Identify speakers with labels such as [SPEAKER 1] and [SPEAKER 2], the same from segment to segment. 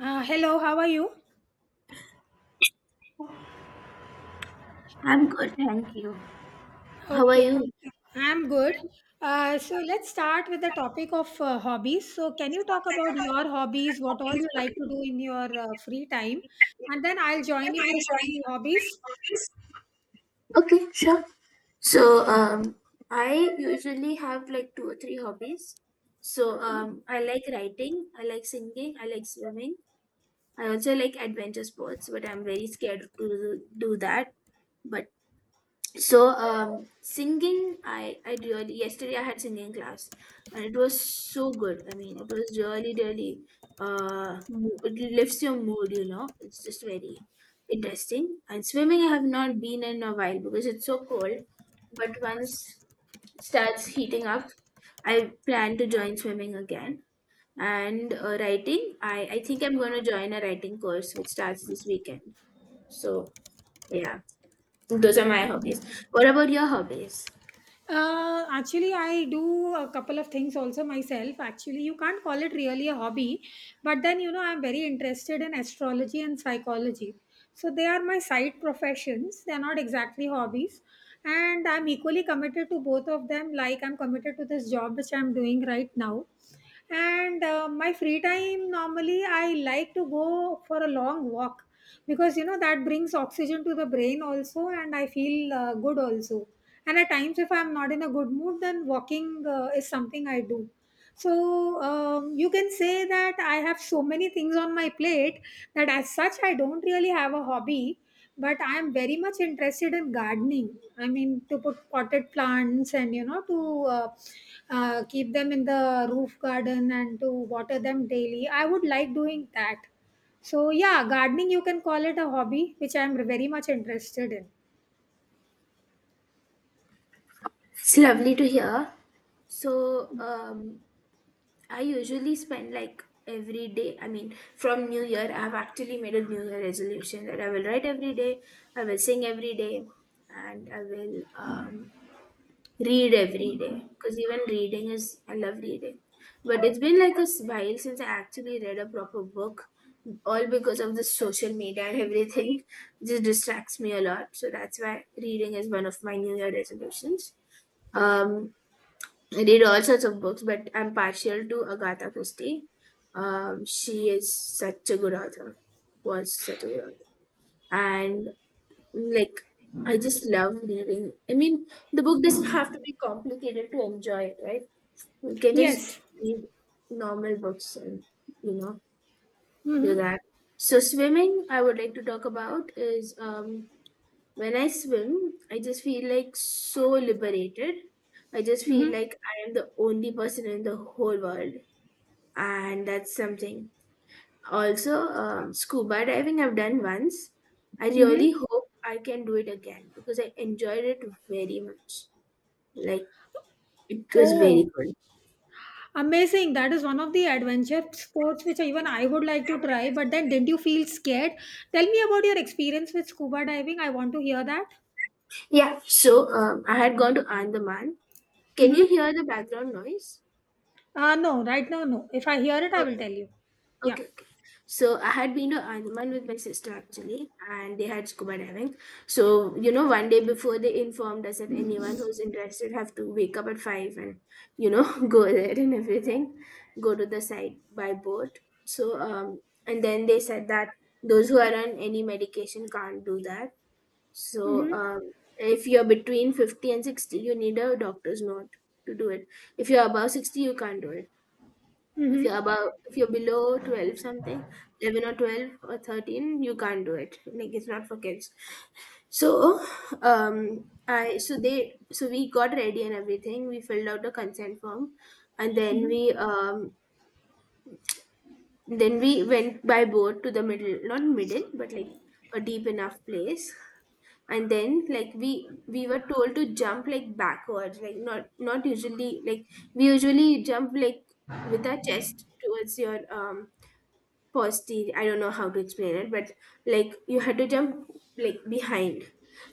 [SPEAKER 1] Hello, how are you?
[SPEAKER 2] I'm good, thank you. How are
[SPEAKER 1] Okay,
[SPEAKER 2] you?
[SPEAKER 1] I'm good. So let's start with the topic of hobbies. So, can you talk about your hobbies, what all you like to do in your free time? And then I'll join you with my hobbies.
[SPEAKER 2] Okay, sure. So, um, I usually have like two or three hobbies. I like writing, I like singing, I like swimming. I also like adventure sports, but I'm very scared to do that. But singing, I really, yesterday I had singing class, and it was so good. I mean, it was really, really it lifts your mood. You know, it's just very interesting. And swimming, I have not been in a while because it's so cold. But once it starts heating up, I plan to join swimming again. And writing, I think I'm going to join a writing course which starts this weekend. So yeah, those are my hobbies. What about your hobbies?
[SPEAKER 1] Actually, I do a couple of things also myself. Actually, you can't call it really a hobby, but then you know, I'm very interested in astrology and psychology. So, they are my side professions, they're not exactly hobbies. And I'm equally committed to both of them, like I'm committed to this job which I'm doing right now, and my free time normally I like to go for a long walk, because you know that brings oxygen to the brain also, and I feel good also. And at times if I'm not in a good mood, then walking is something I do. So you can say that I have so many things on my plate that as such I don't really have a hobby, but I am very much interested in gardening. I mean to put potted plants and you know to keep them in the roof garden and to water them daily. I would like doing that. So yeah, gardening, you can call it a hobby which I am very much interested in.
[SPEAKER 2] It's lovely to hear. So, um, I usually spend like every day. I mean, from New Year, I've actually made a New Year resolution that I will write every day, I will sing every day, and I will read every day. Because even reading is, I love reading. But it's been like while since I actually read a proper book, all because of the social media and everything. Just distracts me a lot. So that's why reading is one of my New Year resolutions. Um, I read all sorts of books, but I'm partial to Agatha Christie. She is such a good author, was such a good author, and like I just love reading. I mean, the book doesn't have to be complicated to enjoy it, right? You can just
[SPEAKER 1] Yes.
[SPEAKER 2] read normal books and you know do
[SPEAKER 1] Mm-hmm.
[SPEAKER 2] that. So swimming, I would like to talk about is when I swim, I just feel like so liberated. I just feel
[SPEAKER 1] Mm-hmm.
[SPEAKER 2] like I am the only person in the whole world, and that's something. Also, scuba diving I've done once. I
[SPEAKER 1] Mm-hmm.
[SPEAKER 2] really hope I can do it again because I enjoyed it very much. Like it was very
[SPEAKER 1] Oh,
[SPEAKER 2] good.
[SPEAKER 1] amazing. That is one of the adventure sports which even I would like to try, but then didn't you feel scared? Tell me about your experience with scuba diving. I want to hear that.
[SPEAKER 2] Yeah. So I had gone to Andaman. Can
[SPEAKER 1] Mm-hmm.
[SPEAKER 2] you hear the background noise?
[SPEAKER 1] No, right now, no. If I hear it, I will
[SPEAKER 2] Okay.
[SPEAKER 1] tell you. Yeah.
[SPEAKER 2] Okay, okay. So I had been to Andaman with my sister actually, and they had scuba diving. So, you know, one day before, they informed us that anyone who's interested have to wake up at five and, you know, go there and everything, go to the site by boat. So, um, and then they said that those who are on any medication can't do that.
[SPEAKER 1] Mm-hmm.
[SPEAKER 2] If you're between 50 and 60, you need a doctor's note to do it. If you're above 60, you can't do it. If
[SPEAKER 1] Mm-hmm.
[SPEAKER 2] you're above, if you're below 12 something, 11 or 12 or 13, you can't do it. Like it's not for kids. So, I so they so we got ready and everything. We filled out the consent form, and
[SPEAKER 1] Mm-hmm.
[SPEAKER 2] then we went by boat to the middle, not middle, but like a deep enough place. And then like we were told to jump like backwards, like not, not usually, like we usually jump like with our chest towards your posterior. I don't know how to explain it, but like you had to jump like behind.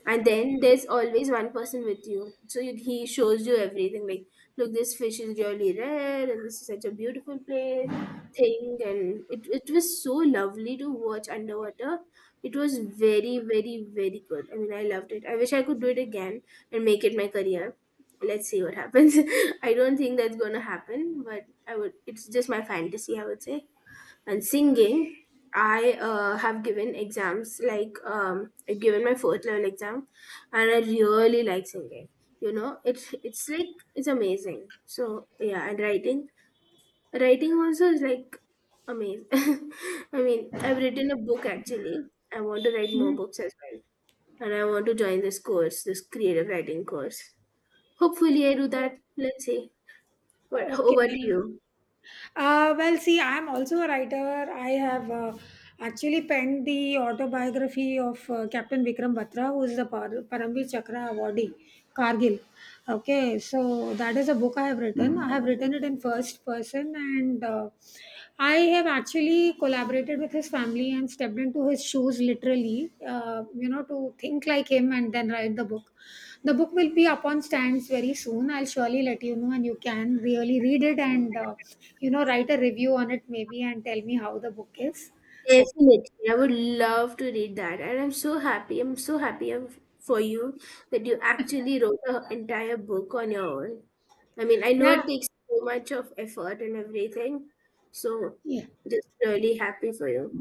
[SPEAKER 2] And then there's always one person with you, so you, he shows you everything like, look, this fish is really rare and this is such a beautiful place thing. And it was so lovely to watch underwater. It was very, very, very good. I mean, I loved it. I wish I could do it again and make it my career. Let's see what happens. I don't think that's gonna happen, but I would. It's just my fantasy, I would say. And singing, I have given exams like I've given my fourth level exam, and I really like singing. You know, it's like it's amazing. So yeah. And writing, writing also is like amazing. I mean, I've written a book actually. I want to write more
[SPEAKER 1] Hmm.
[SPEAKER 2] books as well. And I want to join this course, this creative writing course. Hopefully I do
[SPEAKER 1] Okay.
[SPEAKER 2] that. Let's see. What,
[SPEAKER 1] Okay.
[SPEAKER 2] over to you.
[SPEAKER 1] Well, see, I am also a writer. I have actually penned the autobiography of Captain Vikram Batra, who is the Paramvir Chakra awardee, Kargil. Okay, so that is a book I have written. I have written it in first person, and I have actually collaborated with his family and stepped into his shoes literally, you know, to think like him and then write the book. The book will be up on stands very soon. I'll surely let you know, and you can really read it and, you know, write a review on it maybe and tell me how the book is. Okay.
[SPEAKER 2] Definitely, I would love to read that, and I'm so happy. I'm so happy for you that you actually wrote an entire book on your own. I mean, I know it
[SPEAKER 1] Yeah.
[SPEAKER 2] takes so much of effort and everything, so
[SPEAKER 1] Yeah.
[SPEAKER 2] just really happy for you.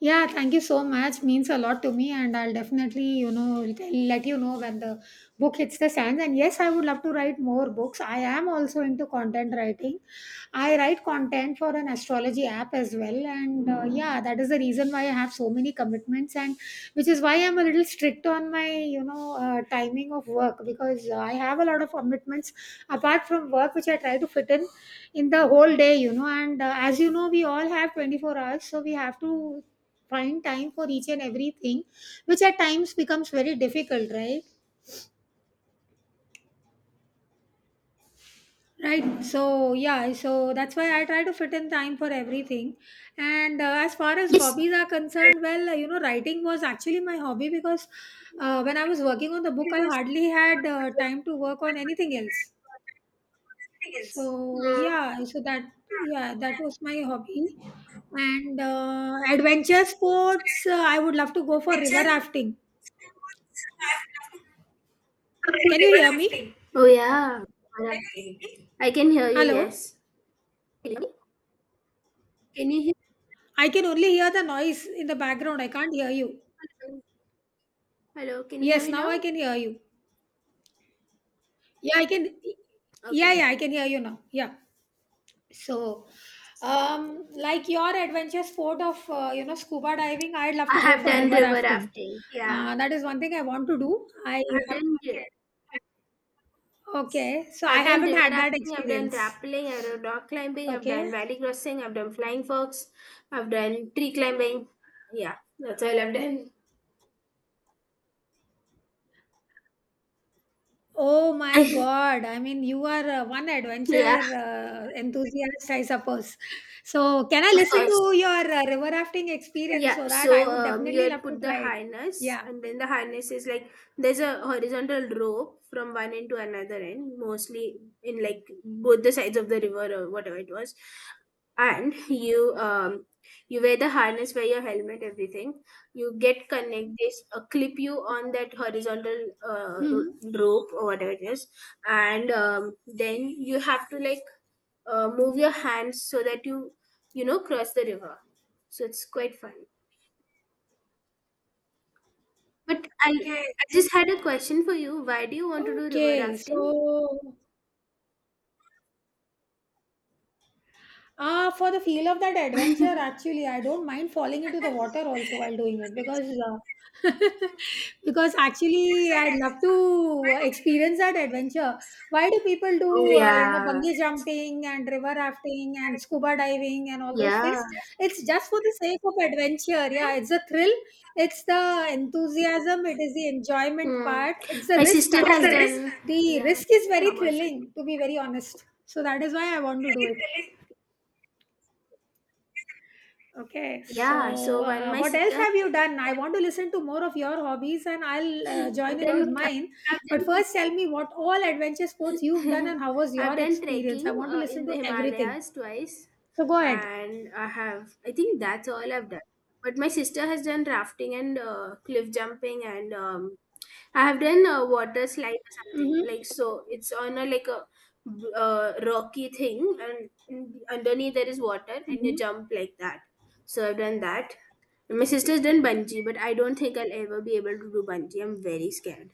[SPEAKER 1] Yeah, thank you so much. Means a lot to me, and I'll definitely, you know, let you know when the book hits the sands. And yes, I would love to write more books. I am also into content writing. I write content for an astrology app as well, and yeah, that is the reason why I have so many commitments, and which is why I'm a little strict on my, you know, timing of work because I have a lot of commitments apart from work, which I try to fit in the whole day, you know. And as you know, we all have 24 hours, so we have to find time for each and everything, which at times becomes very difficult, right? Right, so yeah, so that's why I try to fit in time for everything. And as far as
[SPEAKER 2] Yes.
[SPEAKER 1] hobbies are concerned, well, you know, writing was actually my hobby because when I was working on the book, I hardly had time to work on anything else. So
[SPEAKER 2] Mm.
[SPEAKER 1] yeah, so that, that was my hobby. And adventure sports, I would love to go for river rafting. Can you hear me?
[SPEAKER 2] Oh yeah, alright. I can hear you.
[SPEAKER 1] Hello?
[SPEAKER 2] Yes. Can you can you hear?
[SPEAKER 1] I can only hear the noise in the background. I can't hear you.
[SPEAKER 2] Hello, hello, can you hear
[SPEAKER 1] Yes,
[SPEAKER 2] me
[SPEAKER 1] now I
[SPEAKER 2] now?
[SPEAKER 1] can hear you. Yeah, I can. Yeah,
[SPEAKER 2] Okay.
[SPEAKER 1] yeah, I can hear you now. Yeah. So, like your adventure sport of you know, scuba diving, I'd love
[SPEAKER 2] I
[SPEAKER 1] to go
[SPEAKER 2] have
[SPEAKER 1] for
[SPEAKER 2] done
[SPEAKER 1] river
[SPEAKER 2] river
[SPEAKER 1] rafting.
[SPEAKER 2] rafting. Yeah,
[SPEAKER 1] That is one thing I want to do. I
[SPEAKER 2] I have
[SPEAKER 1] have.
[SPEAKER 2] done.
[SPEAKER 1] Okay, so I
[SPEAKER 2] I've done
[SPEAKER 1] haven't
[SPEAKER 2] river
[SPEAKER 1] had that
[SPEAKER 2] rafting, I've done
[SPEAKER 1] experience.
[SPEAKER 2] rappelling, I've done rock climbing, I've done
[SPEAKER 1] Okay.
[SPEAKER 2] valley crossing, I've done flying fox, I've done tree climbing. Yeah, that's all I've done.
[SPEAKER 1] Oh my God. I mean, you are one
[SPEAKER 2] Yeah,
[SPEAKER 1] adventure enthusiast, I suppose. So, can I
[SPEAKER 2] of
[SPEAKER 1] listen to
[SPEAKER 2] course.
[SPEAKER 1] your river rafting experience
[SPEAKER 2] Yeah,
[SPEAKER 1] so that I
[SPEAKER 2] so
[SPEAKER 1] would
[SPEAKER 2] you
[SPEAKER 1] definitely love
[SPEAKER 2] had
[SPEAKER 1] to
[SPEAKER 2] put the
[SPEAKER 1] try it?
[SPEAKER 2] harness,
[SPEAKER 1] Yeah.
[SPEAKER 2] and then the harness is like there's a horizontal rope from one end to another end, mostly in like both the sides of the river or whatever it was. And you you wear the harness, wear your helmet, everything. You get connect this, clip you on that horizontal
[SPEAKER 1] Mhm.
[SPEAKER 2] rope or whatever it is, and then you have to like move your hands so that you know, cross the river. So it's quite fun. But I just had a question for you. Why do you want to do river
[SPEAKER 1] Okay, so,
[SPEAKER 2] rafting?
[SPEAKER 1] ah, for the feel of that adventure, actually, I don't mind falling into the water also while doing it because because actually, I'd love to experience that adventure. Why do people
[SPEAKER 2] Oh
[SPEAKER 1] do you know,
[SPEAKER 2] yeah.
[SPEAKER 1] bungee jumping and river rafting and scuba diving and all those
[SPEAKER 2] Yeah.
[SPEAKER 1] things? It's just for the sake of adventure. Yeah, it's a thrill. It's the enthusiasm. It is the enjoyment
[SPEAKER 2] Mm.
[SPEAKER 1] part. It's the
[SPEAKER 2] My
[SPEAKER 1] risk
[SPEAKER 2] sister has the
[SPEAKER 1] actually.
[SPEAKER 2] done.
[SPEAKER 1] The
[SPEAKER 2] Yeah, my
[SPEAKER 1] risk is very
[SPEAKER 2] sister was.
[SPEAKER 1] thrilling, to be very honest. So that is why I want to do it. Okay,
[SPEAKER 2] Yeah.
[SPEAKER 1] so
[SPEAKER 2] So when my
[SPEAKER 1] what else
[SPEAKER 2] sister,
[SPEAKER 1] have you done? I want to listen to more of your hobbies, and I'll join
[SPEAKER 2] I've
[SPEAKER 1] in
[SPEAKER 2] done.
[SPEAKER 1] with
[SPEAKER 2] I've
[SPEAKER 1] mine. But
[SPEAKER 2] done.
[SPEAKER 1] first, tell me what all adventure sports you've done and how was
[SPEAKER 2] I've
[SPEAKER 1] your
[SPEAKER 2] done
[SPEAKER 1] experience? I
[SPEAKER 2] trekking
[SPEAKER 1] want to listen
[SPEAKER 2] in the
[SPEAKER 1] to everything.
[SPEAKER 2] Himalayas twice,
[SPEAKER 1] So go ahead.
[SPEAKER 2] and I have. I think that's all I've done. But my sister has done rafting and cliff jumping and I have done a water slide or something
[SPEAKER 1] Mm-hmm.
[SPEAKER 2] like so. It's on a like a rocky thing, and underneath there is water, and you jump like that. So I've done that. My sister's done bungee, but I don't think I'll ever be able to do bungee. I'm very scared.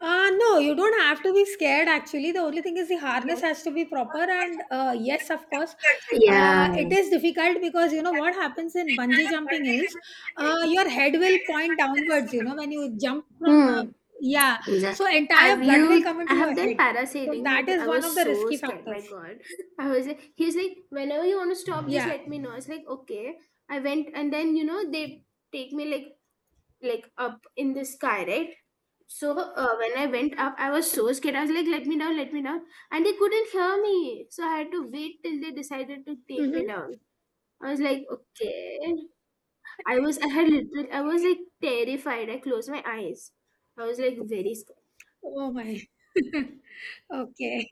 [SPEAKER 1] No, you don't have to be scared actually. The only thing is the harness has to be proper. And yes, of course,
[SPEAKER 2] Yeah.
[SPEAKER 1] it is difficult because you know what happens in bungee jumping is your head will point downwards, you know, when you jump from,
[SPEAKER 2] Hmm.
[SPEAKER 1] yeah,
[SPEAKER 2] Exactly.
[SPEAKER 1] so entire
[SPEAKER 2] Have
[SPEAKER 1] blood will come
[SPEAKER 2] you? I
[SPEAKER 1] into your
[SPEAKER 2] have done
[SPEAKER 1] head. So
[SPEAKER 2] parasailing.
[SPEAKER 1] that
[SPEAKER 2] Which
[SPEAKER 1] is
[SPEAKER 2] I
[SPEAKER 1] one
[SPEAKER 2] was
[SPEAKER 1] of the
[SPEAKER 2] so
[SPEAKER 1] risky
[SPEAKER 2] scared. My
[SPEAKER 1] factors.
[SPEAKER 2] God, I was like- He was like, whenever you want to stop, just
[SPEAKER 1] Yeah.
[SPEAKER 2] let me know. It's like okay. I went, and then you know they take me like up in the sky, right? So when I went up, I was so scared. I was like, let me down," and they couldn't hear me. So I had to wait till they decided to take me
[SPEAKER 1] Mm-hmm.
[SPEAKER 2] down. I was like, "Okay." I was, I had little, I was like terrified. I closed my eyes. I was like very scared.
[SPEAKER 1] Oh my. Okay.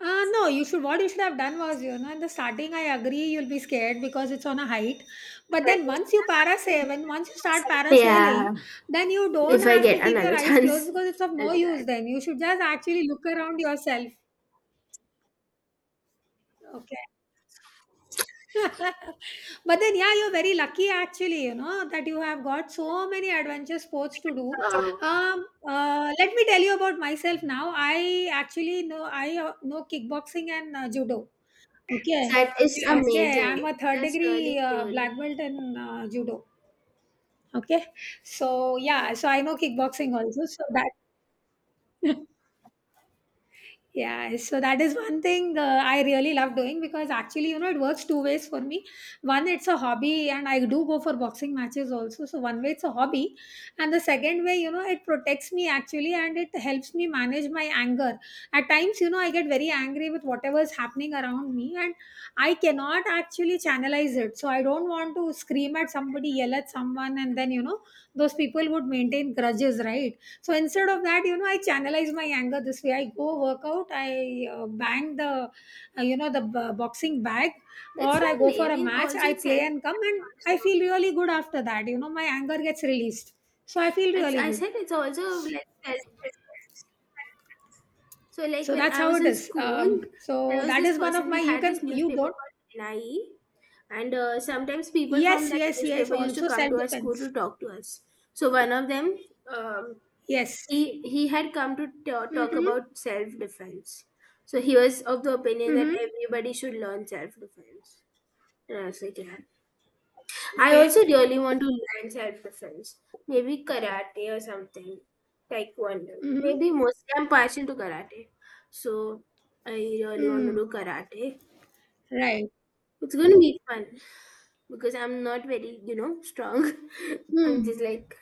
[SPEAKER 1] No, you should. What you should have done was, you know, in the starting, I agree you'll be scared because it's on a height. But then once you parasail, when once you start parasailing,
[SPEAKER 2] Yeah,
[SPEAKER 1] then you don't
[SPEAKER 2] if I
[SPEAKER 1] have to
[SPEAKER 2] get
[SPEAKER 1] keep your
[SPEAKER 2] another
[SPEAKER 1] eyes closed
[SPEAKER 2] chance,
[SPEAKER 1] because it's of
[SPEAKER 2] I'll
[SPEAKER 1] no
[SPEAKER 2] do
[SPEAKER 1] use.
[SPEAKER 2] that.
[SPEAKER 1] Then you should just actually look around yourself. Okay. But then, yeah, you're very lucky actually, you know, that you have got so many adventure sports to do.
[SPEAKER 2] Wow.
[SPEAKER 1] Let me tell you about myself now. I actually know I know kickboxing and judo. Okay.
[SPEAKER 2] That is
[SPEAKER 1] Okay. I'm
[SPEAKER 2] amazing.
[SPEAKER 1] a third
[SPEAKER 2] That's really
[SPEAKER 1] degree
[SPEAKER 2] cool.
[SPEAKER 1] black belt in judo. Okay. So, yeah. So, I know kickboxing also. So, that. Yeah, so that is one thing I really love doing because actually, you know, it works two ways for me. One, it's a hobby, and I do go for boxing matches also. So, one way, it's a hobby. And the second way, you know, it protects me actually, and it helps me manage my anger. At times, you know, I get very angry with whatever is happening around me, and I cannot actually channelize it. So, I don't want to scream at somebody, yell at someone, and then, you know, those people would maintain grudges, right? So instead of that, you know, I channelize my anger this way. I go work out, I bang the, you know, the boxing bag,
[SPEAKER 2] That's
[SPEAKER 1] or I go
[SPEAKER 2] lovely. I
[SPEAKER 1] for a
[SPEAKER 2] mean,
[SPEAKER 1] match,
[SPEAKER 2] also
[SPEAKER 1] I
[SPEAKER 2] it's
[SPEAKER 1] play
[SPEAKER 2] self.
[SPEAKER 1] and come, and I feel really good after that. You know, my anger gets released. So I feel
[SPEAKER 2] It's,
[SPEAKER 1] really
[SPEAKER 2] I
[SPEAKER 1] good.
[SPEAKER 2] said it's also like there's- so like
[SPEAKER 1] So
[SPEAKER 2] when
[SPEAKER 1] that's
[SPEAKER 2] I
[SPEAKER 1] how
[SPEAKER 2] was
[SPEAKER 1] it
[SPEAKER 2] in
[SPEAKER 1] is.
[SPEAKER 2] school,
[SPEAKER 1] So
[SPEAKER 2] there was
[SPEAKER 1] that
[SPEAKER 2] this
[SPEAKER 1] is one of
[SPEAKER 2] person.
[SPEAKER 1] my,
[SPEAKER 2] We
[SPEAKER 1] you
[SPEAKER 2] had this
[SPEAKER 1] can, you
[SPEAKER 2] newspaper
[SPEAKER 1] don't.
[SPEAKER 2] called NIE, and sometimes people from
[SPEAKER 1] Yes,
[SPEAKER 2] that
[SPEAKER 1] yes, yes.
[SPEAKER 2] newspaper used to
[SPEAKER 1] Also
[SPEAKER 2] come
[SPEAKER 1] self
[SPEAKER 2] to our school
[SPEAKER 1] defense.
[SPEAKER 2] to talk to us. So one of them, um,
[SPEAKER 1] Yes.
[SPEAKER 2] he had come to talk
[SPEAKER 1] Mm-hmm.
[SPEAKER 2] about self defense. So he was of the opinion that
[SPEAKER 1] Mm-hmm.
[SPEAKER 2] everybody should learn self defense, and I was like, yeah, I
[SPEAKER 1] Okay.
[SPEAKER 2] also really want to learn self-defense. Maybe karate or something. Taekwondo.
[SPEAKER 1] Mm-hmm.
[SPEAKER 2] Maybe mostly I'm partial to karate. So I really want to
[SPEAKER 1] Mm.
[SPEAKER 2] do karate.
[SPEAKER 1] Right.
[SPEAKER 2] It's gonna be fun because I'm not very, you know, strong. I'm
[SPEAKER 1] Mm.
[SPEAKER 2] just like.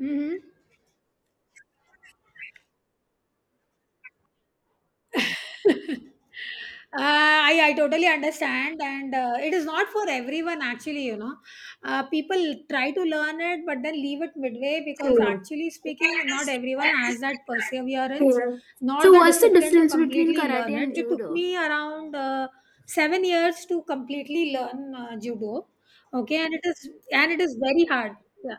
[SPEAKER 1] Mm-hmm. Uh, I totally understand, and it is not for everyone actually. You know, people try to learn it but then leave it midway because, actually speaking, not everyone has that perseverance nor
[SPEAKER 2] So
[SPEAKER 1] the
[SPEAKER 2] what's the
[SPEAKER 1] discipline to
[SPEAKER 2] difference between
[SPEAKER 1] completely
[SPEAKER 2] karate
[SPEAKER 1] learn it.
[SPEAKER 2] and
[SPEAKER 1] It took
[SPEAKER 2] judo?
[SPEAKER 1] me around 7 years to completely learn judo, okay, and it is very hard. Yeah.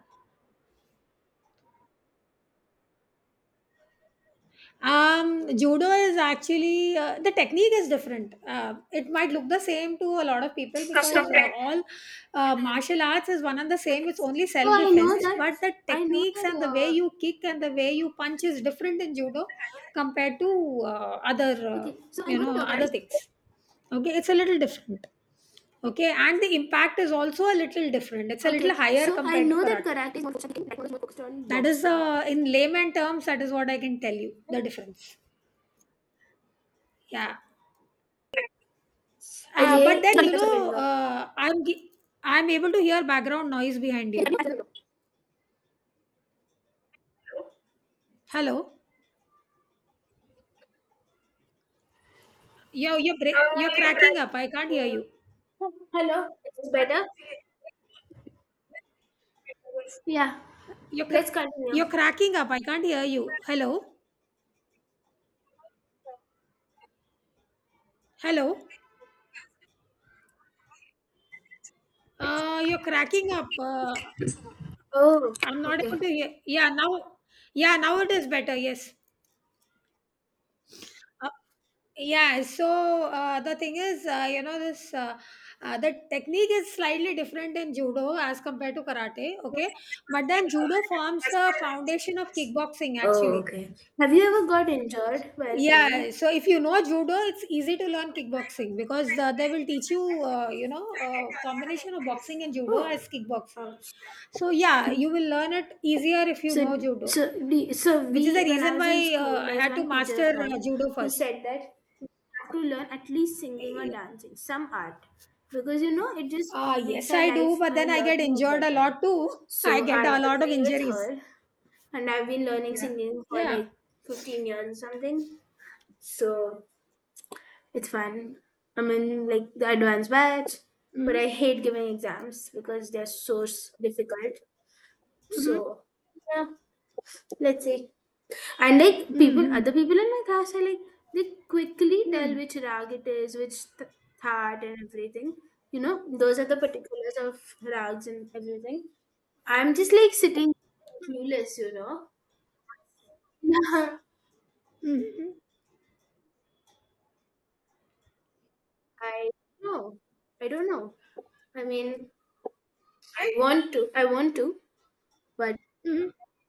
[SPEAKER 1] Judo is actually the technique is different. It might look the same to a lot of people because all martial arts is one and the same. It's only
[SPEAKER 2] So
[SPEAKER 1] self defense, but the
[SPEAKER 2] I know that
[SPEAKER 1] techniques and the way you kick and the way you punch is different in judo compared to other
[SPEAKER 2] okay, so I
[SPEAKER 1] you
[SPEAKER 2] know that
[SPEAKER 1] know,
[SPEAKER 2] karate
[SPEAKER 1] other
[SPEAKER 2] is
[SPEAKER 1] things. Okay, it's a little different. Okay, and the impact is also a little different. It's a little
[SPEAKER 2] Okay,
[SPEAKER 1] higher
[SPEAKER 2] so I
[SPEAKER 1] compared to
[SPEAKER 2] know that
[SPEAKER 1] karate.
[SPEAKER 2] karate is more focused on kicking, taekwondo is more focused on
[SPEAKER 1] That is
[SPEAKER 2] boxing.
[SPEAKER 1] in layman terms. That is what I can tell you the difference. Yeah. But
[SPEAKER 2] Okay,
[SPEAKER 1] then
[SPEAKER 2] sorry,
[SPEAKER 1] you
[SPEAKER 2] that's
[SPEAKER 1] know,
[SPEAKER 2] the
[SPEAKER 1] I'm able to hear background noise behind you.
[SPEAKER 2] window.
[SPEAKER 1] Hello, you're cracking up. I can't hear you.
[SPEAKER 2] Hello, it's better? Yeah,
[SPEAKER 1] You're
[SPEAKER 2] let's
[SPEAKER 1] cr- you're
[SPEAKER 2] continue.
[SPEAKER 1] cracking up. I can't hear you. Hello, hello. You're cracking up.
[SPEAKER 2] Oh,
[SPEAKER 1] I'm not
[SPEAKER 2] okay.
[SPEAKER 1] able to hear. Yeah, now, yeah, now it is better. Yes. Uh, yeah, so the thing is, you know, this the technique is slightly different in judo as compared to karate, okay? But then judo forms the foundation of kickboxing actually.
[SPEAKER 2] Have you ever got injured while
[SPEAKER 1] Yeah,
[SPEAKER 2] playing?
[SPEAKER 1] so if you know judo, it's easy to learn kickboxing because the, they will teach you, you know, combination of boxing and judo as kickboxing. So yeah, you will learn it easier if you
[SPEAKER 2] So,
[SPEAKER 1] know judo,
[SPEAKER 2] so
[SPEAKER 1] which is
[SPEAKER 2] we,
[SPEAKER 1] the
[SPEAKER 2] when I
[SPEAKER 1] reason
[SPEAKER 2] was in
[SPEAKER 1] why
[SPEAKER 2] school,
[SPEAKER 1] I
[SPEAKER 2] there was
[SPEAKER 1] had to
[SPEAKER 2] one teacher
[SPEAKER 1] master
[SPEAKER 2] of mine
[SPEAKER 1] judo
[SPEAKER 2] who
[SPEAKER 1] first.
[SPEAKER 2] said that you have to learn at least singing or dancing, some art, because you know it just
[SPEAKER 1] Ah,
[SPEAKER 2] makes
[SPEAKER 1] yes,
[SPEAKER 2] our
[SPEAKER 1] I do,
[SPEAKER 2] life
[SPEAKER 1] but
[SPEAKER 2] a
[SPEAKER 1] then I get
[SPEAKER 2] lot more
[SPEAKER 1] injured a
[SPEAKER 2] better.
[SPEAKER 1] lot too. I
[SPEAKER 2] So
[SPEAKER 1] get
[SPEAKER 2] I
[SPEAKER 1] a lot of
[SPEAKER 2] agree with
[SPEAKER 1] injuries.
[SPEAKER 2] her, and I've been learning
[SPEAKER 1] Yeah.
[SPEAKER 2] singing for
[SPEAKER 1] Yeah.
[SPEAKER 2] like 15 years or something. So it's fun. I'm in like the advanced batch, but I
[SPEAKER 1] Mm-hmm.
[SPEAKER 2] hate giving exams because they're so difficult.
[SPEAKER 1] Mm-hmm.
[SPEAKER 2] So yeah, let's see. And like people, other
[SPEAKER 1] Mm-hmm.
[SPEAKER 2] people in my class are like they quickly tell which rag it is, which thought and everything. You know, those are the particulars of rags and everything. I'm just like sitting clueless. You know. Yeah.
[SPEAKER 1] Mm-hmm.
[SPEAKER 2] I know. I don't know. I mean, I want to. I want to, but
[SPEAKER 1] Mm-hmm.